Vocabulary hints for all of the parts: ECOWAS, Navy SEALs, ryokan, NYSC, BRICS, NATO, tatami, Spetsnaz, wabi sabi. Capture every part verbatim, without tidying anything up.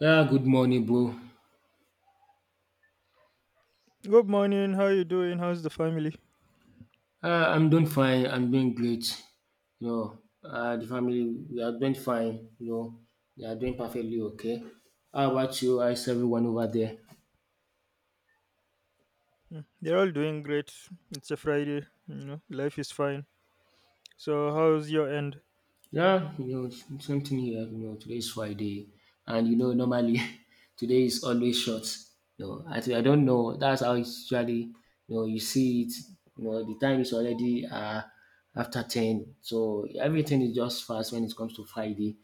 Yeah, good morning, bro. Good morning. How you doing? How's the family? Uh, I'm doing fine. I'm doing great. You know, uh, the family we are doing fine. You know, they are doing perfectly okay. How about you? How is everyone over there? Mm, they're all doing great. It's a Friday, you know. Life is fine. So, how's your end? Yeah, you know, s- same thing here. You know, today is Friday, and you know, normally today is always short. You know, I, I don't know. That's how it's usually. You know, you see it. You know, the time is already uh after ten, so everything is just fast when it comes to Friday.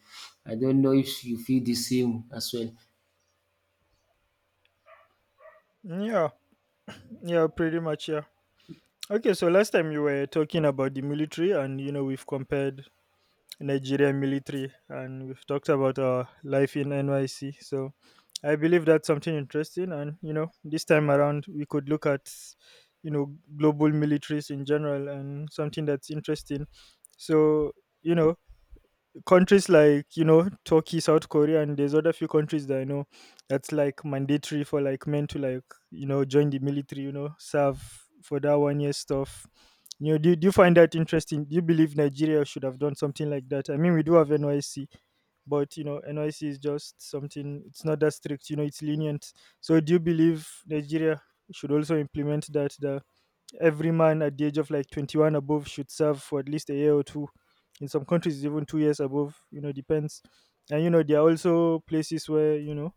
I don't know if you feel the same as well. Hmm. Yeah, yeah, pretty much. Yeah. Okay, so last time you were talking about the military, and you know we've compared Nigerian military, and we've talked about our life in N Y C. So, I believe that's something interesting, and you know this time around we could look at, you know, global militaries in general, and something that's interesting. So, you know countries like you know Turkey, South Korea, and there's other few countries that I know that's like mandatory for like men to like you know join the military, you know serve for that one year stuff. You know do, do you find that interesting? Do you believe Nigeria should have done something like that? I mean, we do have NYC, but you know NYC is just something, it's not that strict, you know it's lenient. So do you believe Nigeria should also implement that? Every man at the age of like twenty-one above should serve for at least a year or two. In some countries it's even two years above, you know depends. And you know there are also places where you know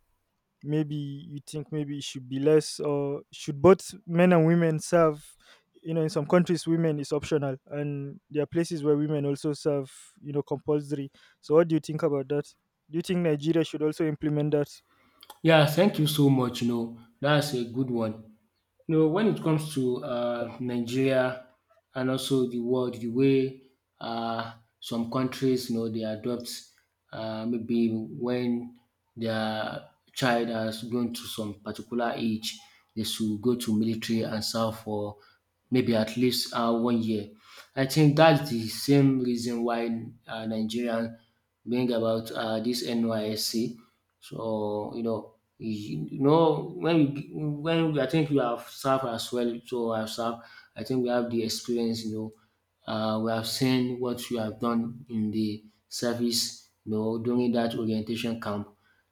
maybe you think maybe it should be less, or should both men and women serve? you know in some countries women is optional, and there are places where women also serve, you know compulsory. So what do you think about that? Do you think Nigeria should also implement that? Yeah, thank you so much. You know, that's a good one. You know, when it comes to uh, Nigeria and also the world, the way uh, some countries, you know, they adopt uh, maybe when their child has grown to some particular age, they should go to military and serve for maybe at least uh, one year. I think that's the same reason why uh, Nigerian bring about uh, this N Y S C. So, you know, you know when we when we, I think we have served as well, so I have served. I think we have the experience, you know, uh, we have seen what you have done in the service, you know, during that orientation camp,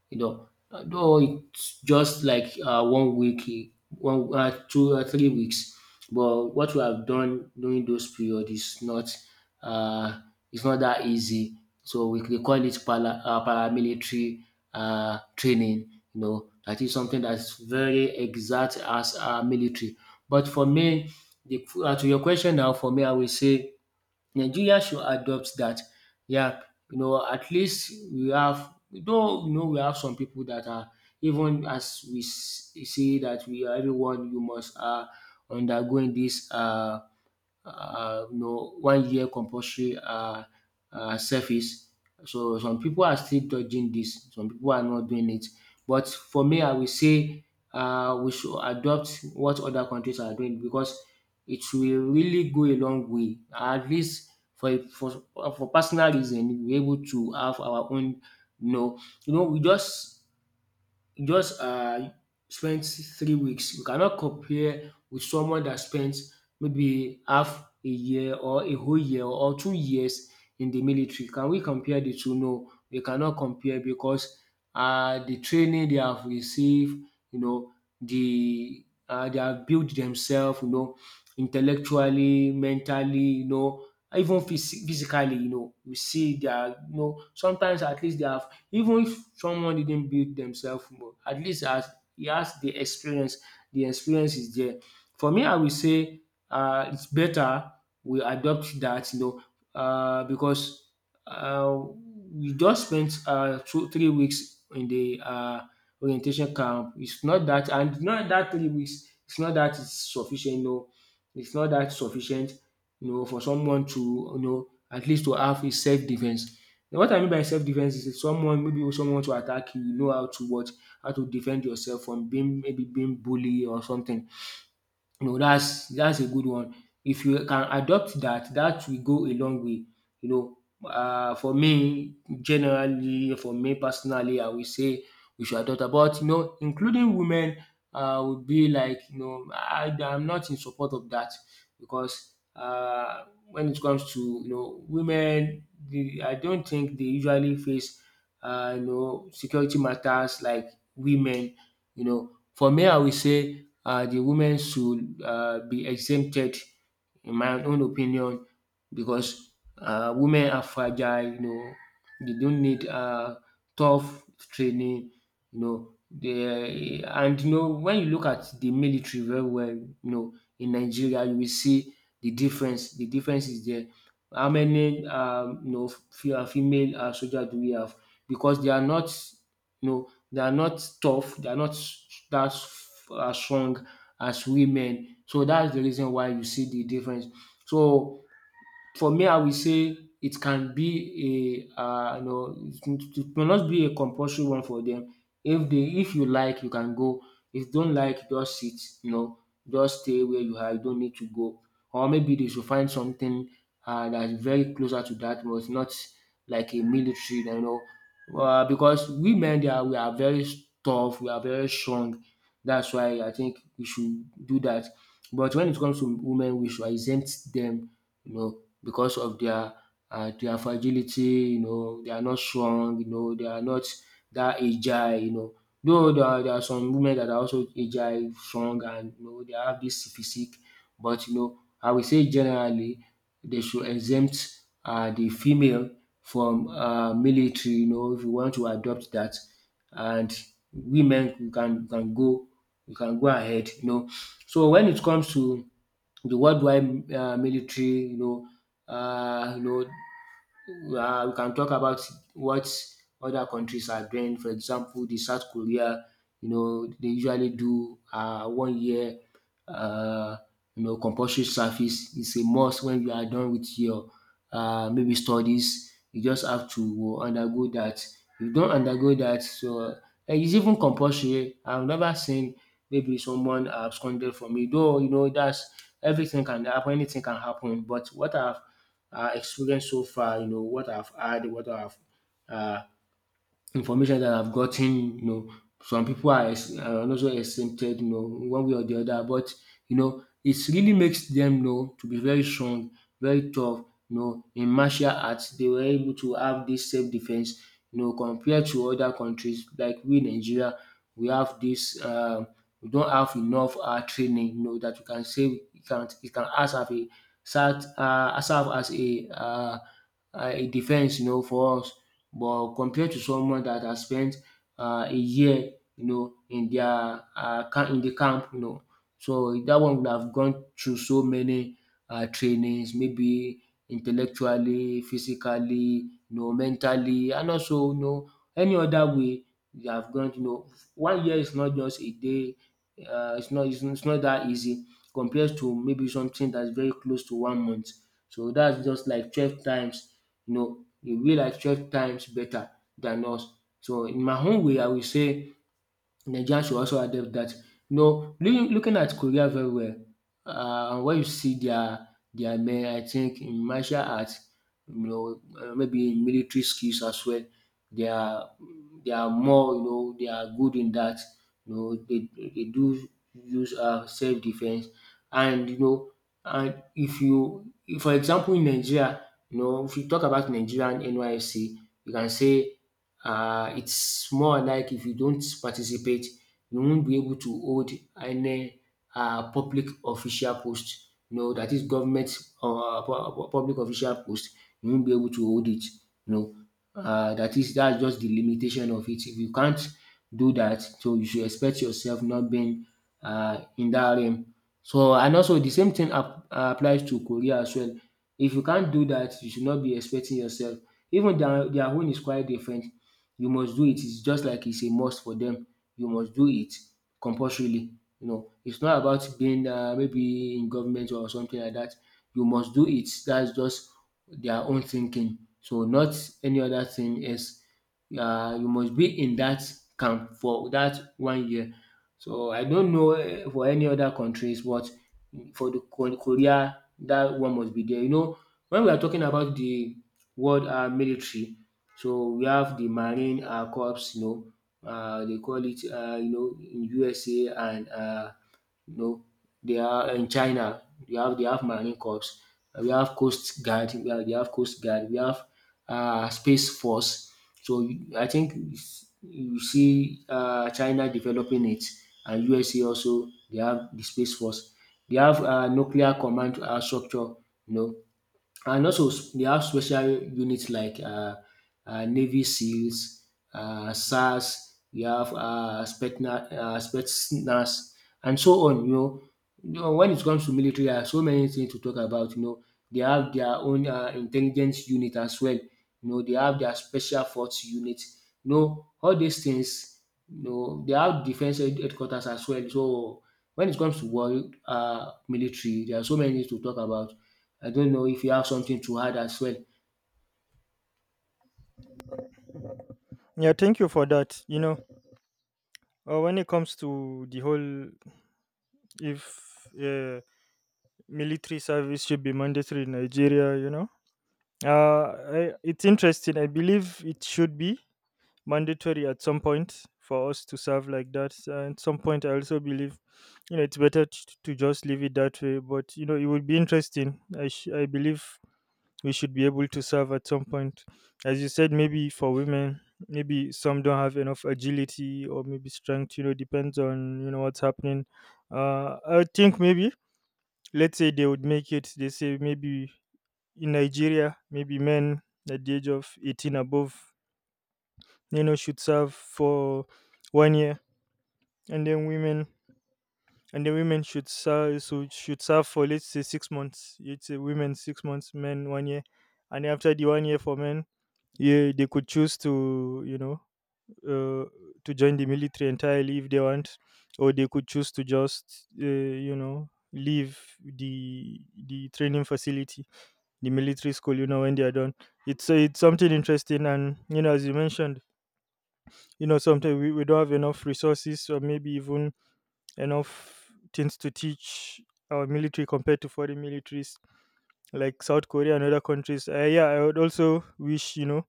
you know, though it's just like uh, one week, eh, one uh, two or three weeks. But what we have done during those period is not uh, it's not that easy. So we they call it para, uh, paramilitary uh, training. You know, that is something that's very exact as uh, military. But for me, the, uh, to your question now, for me, I will say Nigeria should adopt that. Yeah, you know, at least we have, though, you know, we have some people that are, even as we s- say that we are everyone, you must are undergoing this. Uh, uh, you know, one year compulsory uh, uh, service. So some people are still dodging this, some people are not doing it. But for me, I will say uh, we should adopt what other countries are doing because it will really go a long way. At least for for for personal reason, we are able to have our own. No, you know, we just you just uh, spent three weeks. You cannot compare with someone that spent maybe half a year or a whole year or two years in the military. Can we compare the two? No, we cannot compare because uh, the training they have received, you know, the uh, they have built themselves, you know, intellectually, mentally, you know, even phys physically, you know. You see they are, you know, sometimes at least they have, even if someone didn't build themselves more, at least as he has the experience, the experience is there. For me, I will say uh, it's better we adopt that, you know, uh, because uh, we just spent uh, two, three weeks in the uh, orientation camp. It's not that, and not that three weeks, it's not that it's sufficient, you know, it's not that sufficient, you know, for someone to, you know, at least to have a self defense. Now what I mean by self defense is if someone, maybe if someone want to attack you, you know how to what how to defend yourself from being, maybe being bully or something. No, that's that's a good one. If you can adopt that, that will go a long way. You know, uh, for me generally, for me personally, I will say we should adopt about, you know, including women. Uh, would be like, you know, I I'm not in support of that because uh, when it comes to, you know, women dey, I don't think they usually face uh, you know, security matters like women. You know, for me I will say uh, the women should uh, be exempted, in my own opinion, because um women are fragile, you know, they don't need um tough training, you know. They and You know, when you look at the military very well, you know, in Nigeria you will see the difference. The difference is there. How many um you know, fe- uh, female um soldier do we have? Because they are not, you know, they are not tough, they are not that um strong as women. So that's the reason why you see the difference. So for me, I will say it can be a, uh, you know, it it may not be a compulsory one for them. If they, if you like, you can go. If you don't like, just sit. You know, just stay where you are. You don't need to go. Or maybe they should find something uh, that's very closer to that, but it's not like a military. You know, uh, because women, they are we are very tough. We are very strong. That's why I think we should do that. But when it comes to women, we should exempt them. You know, because of their uh, their fragility, you know, they are not strong, you know, they are not that agile, you know. Though there are, there are some women that are also agile, strong, and you know, they have this physique, but you know, I would say generally they should exempt uh, the female from uh, military, you know. If you want to adopt that, and women, you can you can go, you can go ahead, you know. So when it comes to the worldwide uh, military, you know, uh, you know, uh, we can talk about what other countries are doing. For example, the South Korea, you know, they usually do uh, one year, uh, you know, compulsory service. It's a must. When you are done with your uh, maybe studies, you just have to undergo that. You don't undergo that, so, and it's even compulsory. I've never seen maybe someone absconded from me. Though you know that's, everything can happen, anything can happen, but what I've um experienced so far, you know, what I've had, what I've uh information that I've gotten, you know, some people are, ex- are also exempted, you know, one way or the other. But you know, it really makes them, you know, to be very strong, very tough. You know, in martial arts, they were able to have this self defense. You know, compared to other countries like we Nigeria, we have this. Um, we don't have enough uh, training, you know, that you can say you can you can ask have a serve uh, serve as a uh, a defense, you know, for us. But compared to someone that has spent um a year, you know, in their um camp in the camp, you know, so that one would have gone through so many um trainings, maybe intellectually, physically, you know, mentally, and also, you know, any other way they have gone, you know. One year is not just a day. Um it's not, it's it's not that easy, compared to maybe something that's very close to one month. So that's just like twelve times, you know, e will like twelve times better than us. So in my own way I will say Nigerians should also adapt that. You know, loo- looking at Korea very well, uh, and when you see their their men, I think in martial arts, you know, uh, maybe in military skills as well, they are, they are more, you know, they are good in that. You know, they they do use uh, self defense, and you know, and if you, if, for example, in Nigeria, you know, if you talk about Nigerian N Y S C, you can say uh, it's more like if you don't participate, you won't be able to hold any uh, public official post. You know, that is government or public official post. You won't be able to hold it. You know, uh, that is, that's just the limitation of it. If you can't do that, so you should expect yourself not being uh, in that realm. So, and also the same thing ap- applies to Korea as well. If you can't do that, you should not be expecting yourself. Even their, their own is quite different. You must do it. It's just like it's a must for them. You must do it compulsorily. You know, it's not about being uh, maybe in government or something like that. You must do it. That's just their own thinking. So, not any other thing else. Uh, you must be in that camp for that one year. So I don't know, eh, for any other countries, but for the Ko- Korea, that one must be there. You know, when we are talking about the world uh, military, so we have the marine um corps, you know. Uh, they call it, uh, you know, in U S A, and uh, you know they are in China, they have, they have marine corps. Uh, We have coast guard. We have, they have coast guard. We have uh, space force. So you- I think it's- you see uh, China developing it, and U S A also they have the space force. They have uh nuclear command uh structure. you know uh, and also s- they have special units like uh, uh, Navy SEALs, uh, SARS. You have uh, Spetsna- uh, Spetsnaz, and so on. You know, you know, when it comes to military, there are so many things to talk about. You know, they have their own uh, intelligence unit as well. You know, they have their special force unit. You know, all these things. You know, they have defense head- headquarters as well. So when it comes to world uh, military, there are so many things to talk about. I don't know if you have something to add as well. Yeah, thank you for that. you know Uh, when it comes to the whole, if uh, military service should be mandatory in Nigeria, you know, uh, I, it's interesting. I believe it should be mandatory at some point for us to serve like that. And at some point, I also believe, you know, it's better t- to just leave it that way. But you know, it would be interesting. I sh- I believe we should be able to serve at some point. As you said, maybe for women, maybe some don't have enough agility or maybe strength. You know, depends on you know what's happening. Uh, I think maybe let's say they would make it. They say maybe in Nigeria, maybe men at the age of eighteen above, you know, should serve for one year, and then women. And the women should serve, so should serve for let's say six months. It's a women six months, men one year, and after the one year for men, yeah, they could choose to you know uh, to join the military entirely if they want, or they could choose to just uh, you know leave the the training facility, the military school, you know when they are done. it's it's something interesting. And you know as you mentioned, you know sometimes we, we don't have enough resources, or maybe even enough things to teach our military compared to foreign militaries like South Korea and other countries. Uh, yeah, I would also wish, you know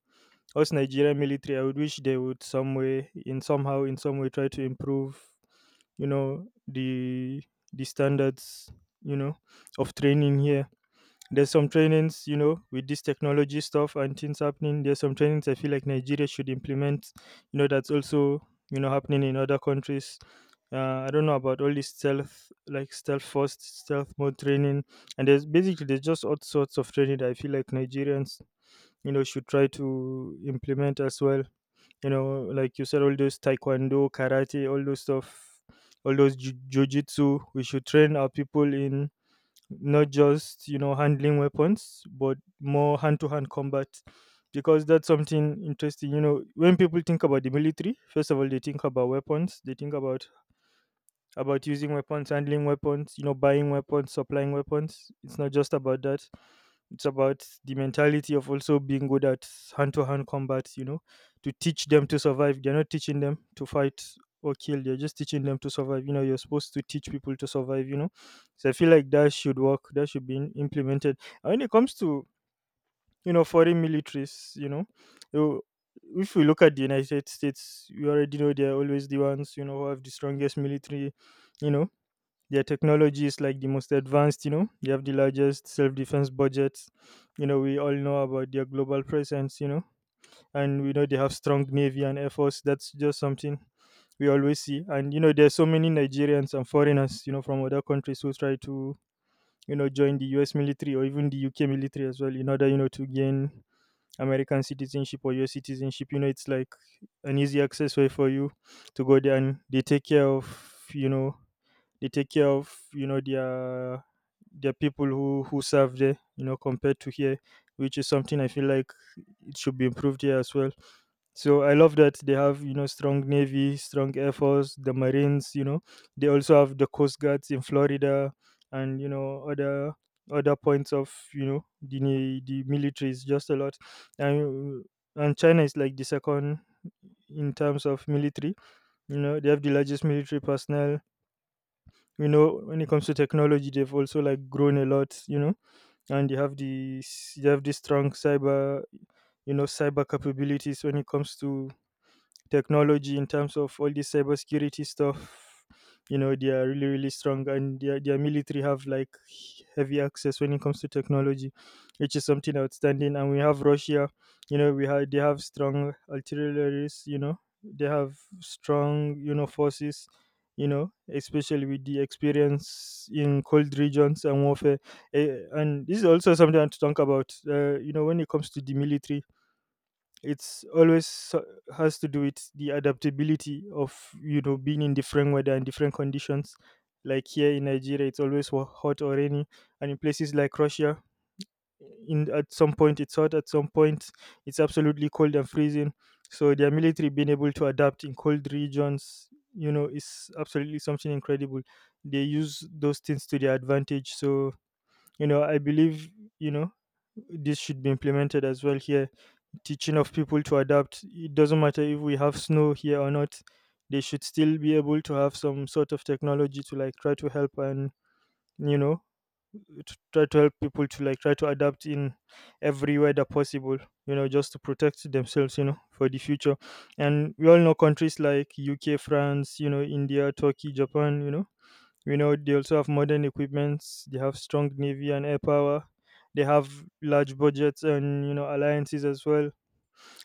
us Nigerian military, I would wish they would some way, in somehow, in some way, try to improve, you know, the the standards, you know, of training here. There's some trainings, you know, with this technology stuff and things happening. There's some trainings I feel like Nigeria should implement, you know, that's also, you know, happening in other countries. Uh, I don't know about all this stealth, like stealth first, stealth mode training, and there's basically there's just all sorts of training that I feel like Nigerians you know should try to implement as well. you know like you said, all those taekwondo, karate, all those stuff, all those ju- jujitsu, we should train our people in. Not just you know handling weapons, but more hand-to-hand combat, because that's something interesting. you know when people think about the military, first of all they think about weapons, they think about about using weapons, handling weapons, you know buying weapons, supplying weapons. It's not just about that. It's about the mentality of also being good at hand to hand combat, you know, to teach them to survive. They're not teaching them to fight or kill, they're just teaching them to survive. You know, you're supposed to teach people to survive, you know. So I feel like that should work, that should be in- implemented. And when it comes to, you know, foreign militaries, you know, you- if we look at the United States, you already know they're always the ones, you know, who have the strongest military, you know their technology is like the most advanced, you know. They have the largest self defense budgets. You know, we all know about their global presence, you know, and we know they have strong navy and air force. That's just something we always see. And you know, there's so many Nigerians and foreigners, you know, from other countries who try to, you know, join the U S military or even the U K military as well, in order, you know, to gain American citizenship or U S citizenship. You know, it's like an easy access way for you to go there, and they take care of, you know, they take care of you know their their people who who serve there, you know compared to here, which is something I feel like it should be improved here as well. So I love that they have you know strong navy, strong air force, the marines, you know they also have the coast guards in Florida, and you know other other points of you know the ni- the military is just a lot. And and China is like the second in terms of military. you know they have the largest military personnel. you know when it comes to technology, they've also like grown a lot, you know and they have these they have these strong cyber you know cyber capabilities when it comes to technology, in terms of all this cybersecurity stuff. You know, they are really, really strong, and their, their military have like heavy access when it comes to technology, which is something outstanding. And we have Russia, you know, we have they have strong artilleries, you know, they have strong, you know, forces, you know, especially with the experience in cold regions and warfare. Eh, and this is also something I want to talk about. Uh, you know, when it comes to the military, it's always uh, has to do with the adaptability of you know being in different weather and different conditions, like here in Nigeria it's always wa- hot or rainy, and in places like Russia, in at some point it's hot, at some point it's absolutely cold and freezing. So their military being able to adapt in cold regions, you know is absolutely something incredible. They use those things to their advantage. So you know I believe, you know this should be implemented as well here, teaching of people to adapt. It doesn't matter if we have snow here or not. They should still be able to have some sort of technology to like try to help, and you know to try to help people to like try to adapt in every way that possible. You know, just to protect themselves. You know, for the future. And we all know countries like U K, France, you know, India, Turkey, Japan. You know, we know they also have modern equipments. They have strong navy and air power. They have large budgets, and you know alliances as well.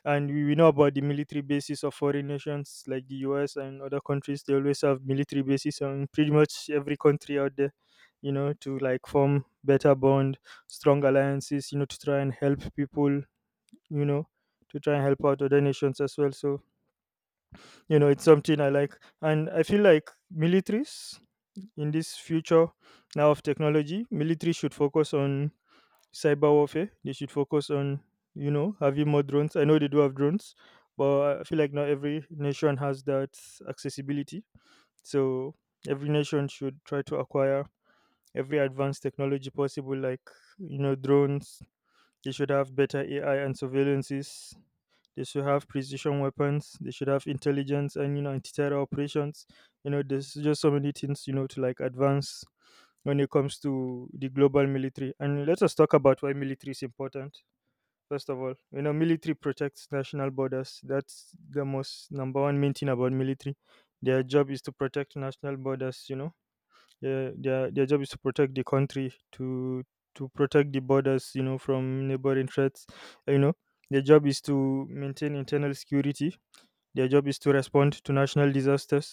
And we, we know about the military bases of foreign nations like the U S and other countries. They always have military bases on pretty much every country out there, you know, to like form better bond, strong alliances, you know, to try and help people, you know, to try and help out other nations as well. So, you know, it's something I like. And I feel like militaries in this future now of technology, military should focus on cyber warfare. They should focus on, you know, having more drones. I know they do have drones, but I feel like not every nation has that accessibility. So every nation should try to acquire every advanced technology possible, like, you know, drones. They should have better A I and surveillances. They should have precision weapons. They should have intelligence and, you know, anti-terror operations. You know, there's just so many things, you know, to like advance when it comes to the global military. And let us talk about why military is important. First of all, you know, military protects national borders. That's the most number one main thing about military. Their job is to protect national borders. You know, their their their job is to protect the country, to to protect the borders, You know, from neighboring threats. You know, their job is to maintain internal security. Their job is to respond to national disasters.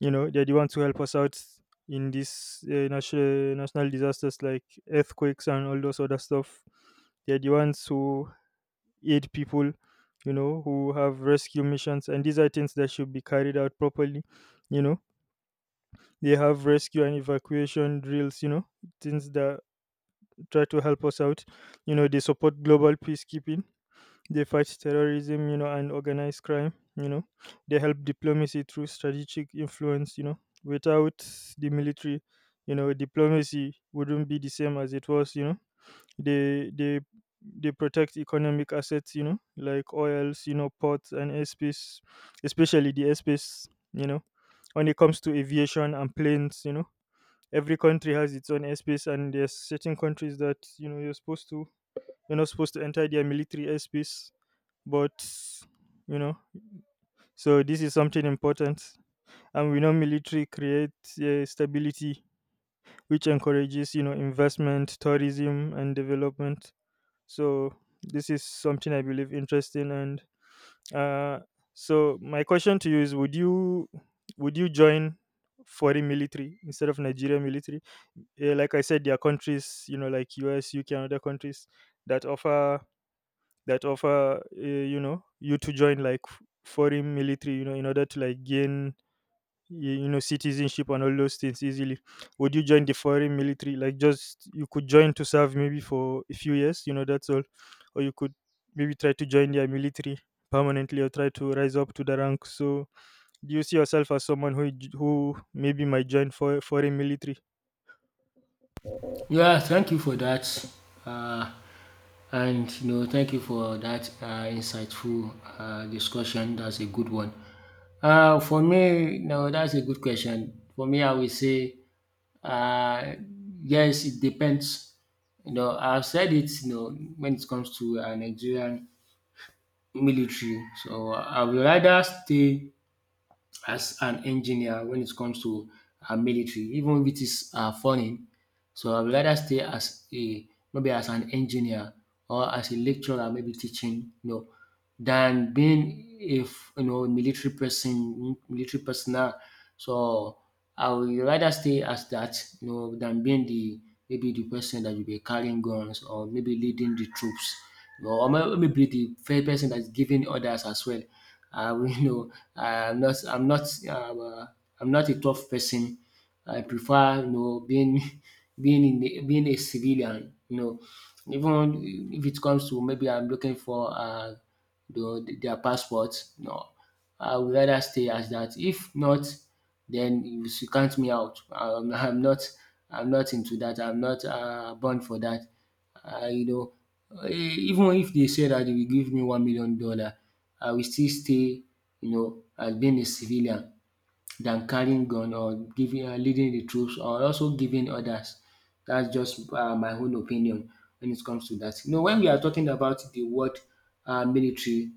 You know, they're the ones who help us out in these uh, national national disasters like earthquakes and all those other stuff. They're the ones who aid people, you know who have rescue missions. And these are things that should be carried out properly. you know they have rescue and evacuation drills, you know things that try to help us out. you know they support global peacekeeping. They fight terrorism, you know and organized crime. You know they help diplomacy through strategic influence. you know without the military, you know diplomacy wouldn't be the same as it was. You know they they they protect economic assets, you know, like oils, you know, ports and airspace, especially the airspace, you know. When it comes to aviation and planes, you know, every country has its own airspace, and there's certain countries that you know you're supposed to you're not supposed to enter their military airspace, but you know, so this is something important. And we know military creates uh, stability, which encourages you know investment, tourism, and development. So this is something I believe interesting. And uh, so my question to you is: would you would you join foreign military instead of Nigerian military? Yeah, like I said, there are countries you know like U S, U K, and other countries that offer that offer uh, you know you to join like f- foreign military, you know in order to like gain you, you know citizenship and all those things easily. Would you join the foreign military, like just you could join to serve maybe for a few years, you know that's all? Or you could maybe try to join their military permanently, or try to rise up to the rank? So do you see yourself as someone who j- who maybe might join for foreign military? Yeah, thank you for that. Uh, and you know, thank you for that uh, insightful uh, discussion. That's a good one. Uh, for me, no, that's a good question. For me, I will say, uh, yes, it depends. You know, I've said it. You know, when it comes to uh, Nigerian military, so I would rather stay as an engineer when it comes to uh, military, even if it is uh, funny. So I would rather stay as a maybe as an engineer, or as a lecturer, maybe teaching, you know, than being, if you know, military person, military personnel. So I would rather stay as that, you know, than being the maybe the person that will be carrying guns, or maybe leading the troops, you know, or may- maybe the first person that's giving orders as well. I will, you know, I'm not, I'm not, uh, I'm not a tough person. I prefer, you know, being being in a, being a civilian. You know, even if it comes to, maybe I'm looking for uh, the, their passport, no, I would rather stay as that. If not, then you should count me out. I'm, I'm not I'm not into that. I'm not uh, born for that. Uh, you know, uh, Even if they say that they will give me one million dollar, I will still stay. You know, as being a civilian than carrying gun or giving uh, leading the troops, or also giving others. That's just uh, my own opinion when it comes to that. You know, when we are talking about the word uh, military,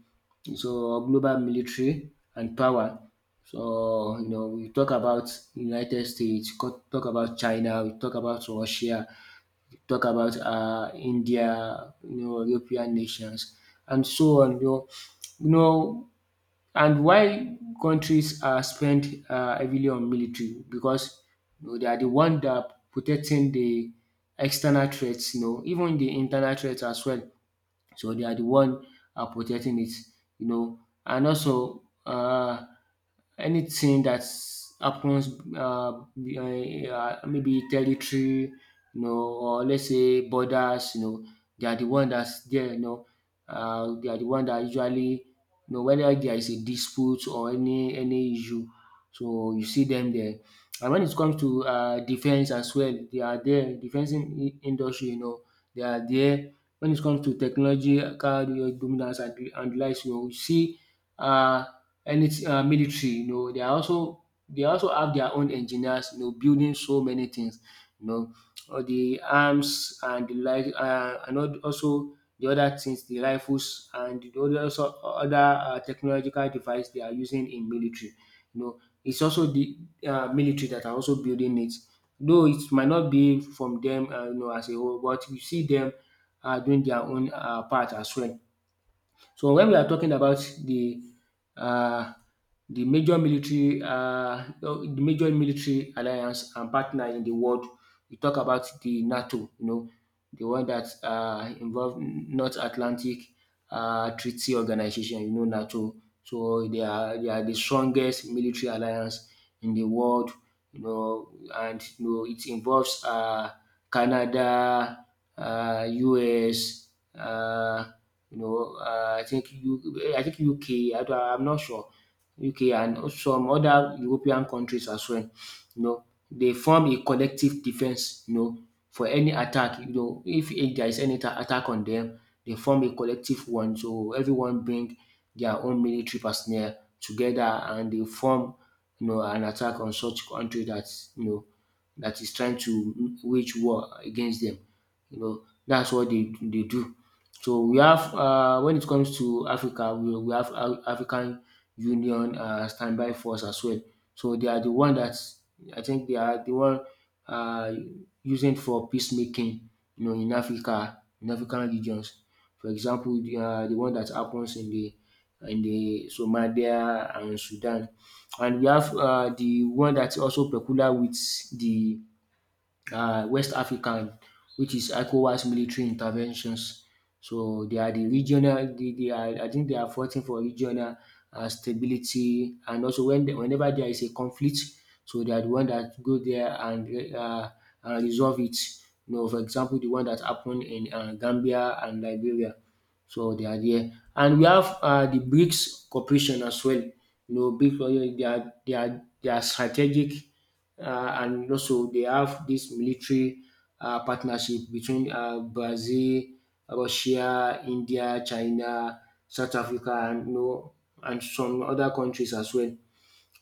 so global military and power. So you know, we talk about United States, co- talk about China, we talk about Russia, we talk about uh, India, you know, European nations, and so on. You know, you know and why countries uh, spend uh, heavily on military? Because you know, they are the one that protecting the external threats, you know, even the internal threats as well. So they are the one uh, protecting it, you know. And also, uh, anything that happens, uh, be- uh, uh, maybe territory, you know, or let's say borders, you know, they are the one that's there, you know. Uh, they are the one that usually, you know, whether there is a dispute or any any issue, so you see them there. And when it comes to uh, defense as well, they are there. Defense in, industry, you know, they are there when it comes to technological dominance and and the likes. You know, we see um any um military, you know, they are also they also have their own engineers, you know, building so many things, you know, all the arms and the like, um and al- also the other things, the rifles and the other, also other um technological device they are using in military. You know, it's also the um military that are also building it. Though it might not be from them, um you know, as a whole, but you see them are doing their own um part as well. So when we are talking about the um the major military, um the major military alliance and partner in the world, we talk about the NATO, you know, the one that um involve North Atlantic um Treaty Organization, you know, NATO. So they are they are the strongest military alliance in the world. You know, and you know, it involves um Canada, uh, U S, uh, you know, uh, I think U, eh, I think U K. Don't, I'm not sure. U K and some other European countries as well. You know, dey form a collective defense, you know, for any attack. You know, if if there is any ta- attack on dem, dey form a collective one. So everyone bring their own military personnel together, and dey form, you know, an attack on such country dat, you know, dat is trying to wage war against dem. You know, dats what dey dey do. So we have, uh, when it comes to Africa, we, we have Af- African Union uh, standby force as well. So they are the one that, I think they are the one uh, using for peacemaking, you know, in Africa, in African regions. For example, the, uh, the one that happens in the in the Somalia and Sudan. And we have uh, the one that's also peculiar with the uh, West African, which is ECOWAS military interventions. So they are the regional. They, they are. I think they are fighting for regional uh, stability, and also when they, whenever there is a conflict, so they are the one that go there and uh, uh, resolve it. You know, for example, the one that happened in uh, Gambia and Liberia. So they are there. And we have um the BRICS cooperation as well. You know, BRICS, uh, they are they are they are strategic, um and also they have this military um partnership between um Brazil, Russia, India, China, South Africa, and you know, and some other countries as well.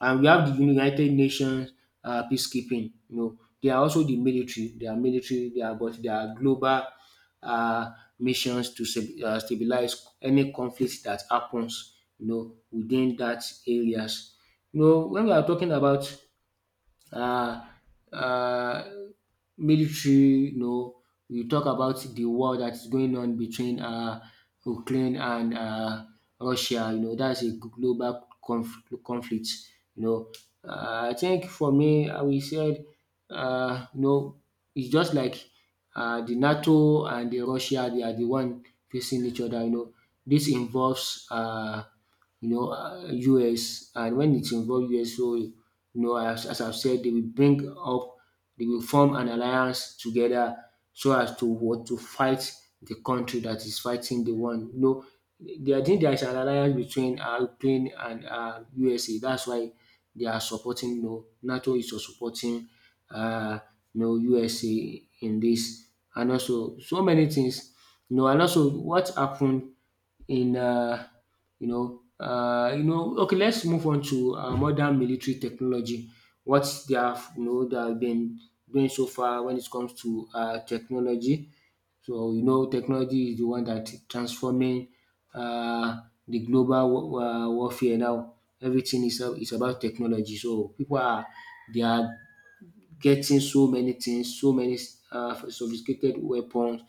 And we have the United Nations uh, peacekeeping. You know, they are also the military. They are military. They are, but they are global uh, missions to stab- uh, stabilize any conflict that happens. You know, within that areas. You know, when we are talking about uh, uh, military. You know, you talk about the war that is going on between uh, Ukraine and uh, Russia. You know, that's a global conf- conflict. You know, uh, I think for me, I will say, uh, you know, it's just like uh, the NATO and the Russia. They are the one facing each other. You know, this involves. Uh, you know, uh, U S. And when it involve U S, so you know, as, as I've said, they will bring up, they will form an alliance together so as to what to fight the country that is fighting the one. You know, there, I think there is an alliance between uh, Ukraine and uh, U S A. That's why they are supporting. You know, NATO is supporting uh, you know, U S A in this, and also so many things. You know, and also what happened in uh, you know, uh, you know, okay, let's move on to uh, modern military technology. What they have, you know, they have been doing so far when it comes to uh, technology. So you know, technology is the one that transforming uh, the global wa- wa- warfare now. Everything is a- is about technology. So people are, they are getting so many things, so many uh, sophisticated weapons,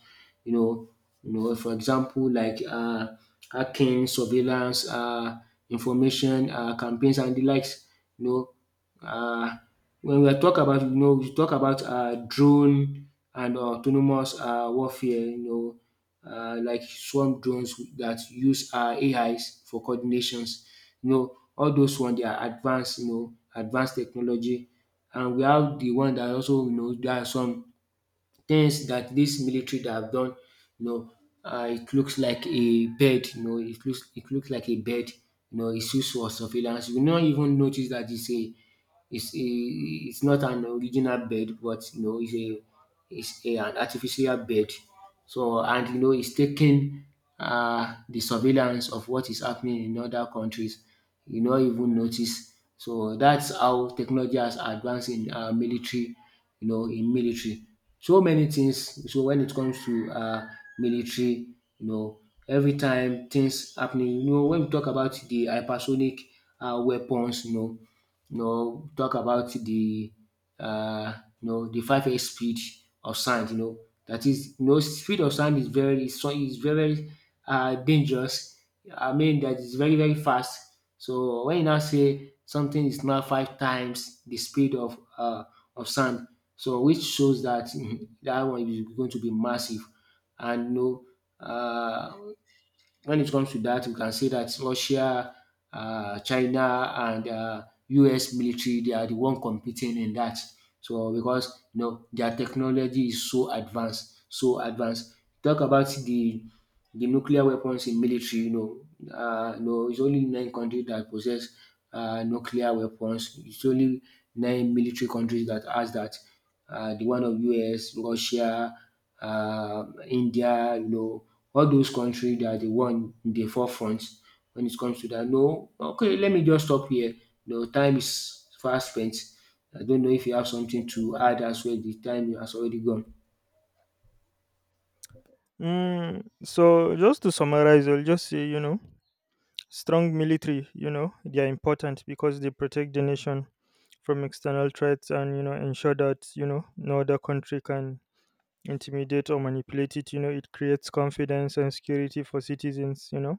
you know, you know, for example, like uh, hacking, surveillance, uh, information uh, campaigns and the likes. You know, uh, when we talk about, you know, we talk about uh, drone and autonomous uh, warfare, you know, uh, like swarm drones that use uh, A Is for coordinations. You know, all those ones, they are advanced, you know, advanced technology. And we have the one that, also, you know, there are some things that this military that have done, you know, uh, it looks like a bed, you know, it looks it looks like a bed, you know, it's used for surveillance. You will not even notice that it's a it's a it's not an original bed, but you know, it's a it's a, an artificial bed. So, and you know, it's taking uh, the surveillance of what is happening in other countries. You not even notice. So that's how technology has advanced in uh, military, you know, in military, so many things. So when it comes to uh military, you know, every time things happening, you know, when we talk about the hypersonic uh weapons, you know, you know, talk about the uh you know the five x speed of sound, you know, that is, you know, speed of sound is very is so- is very very uh dangerous. I mean that is very very fast. So when you now say something is now five times the speed of uh of sound, so which shows that, mm, that one is going to be massive. And you know, uh, when it comes to that, we can say that Russia, uh, China, and uh, U S military, they are the one competing in that. So because, you know, their technology is so advanced, so advanced. Talk about the the nuclear weapons in military, you know, uh, you it's only nine countries that possess uh, nuclear weapons. It's only nine military countries that has that. Uh, the one of U S, Russia, uh, India, you know, all those countries that are the one in the forefront when it comes to that. No, okay, let me just stop here. No, time is fast spent. I don't know if you have something to add as well. The time has already gone. Mm, so just to summarize, I'll just say, you know, strong military, you know, they are important because they protect the nation from external threats, and, you know, ensure that, you know, no other country can intimidate or manipulate it. You know, it creates confidence and security for citizens, you know.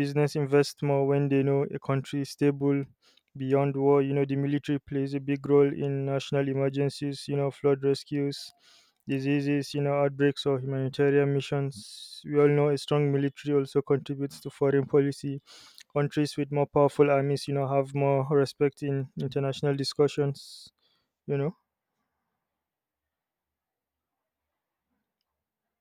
Business invest more when they know a country is stable beyond war. You know, the military plays a big role in national emergencies, you know, flood rescues, diseases, you know, outbreaks or humanitarian missions. We all know a strong military also contributes to foreign policy. Countries with more powerful armies, you know, have more respect in international discussions, you know.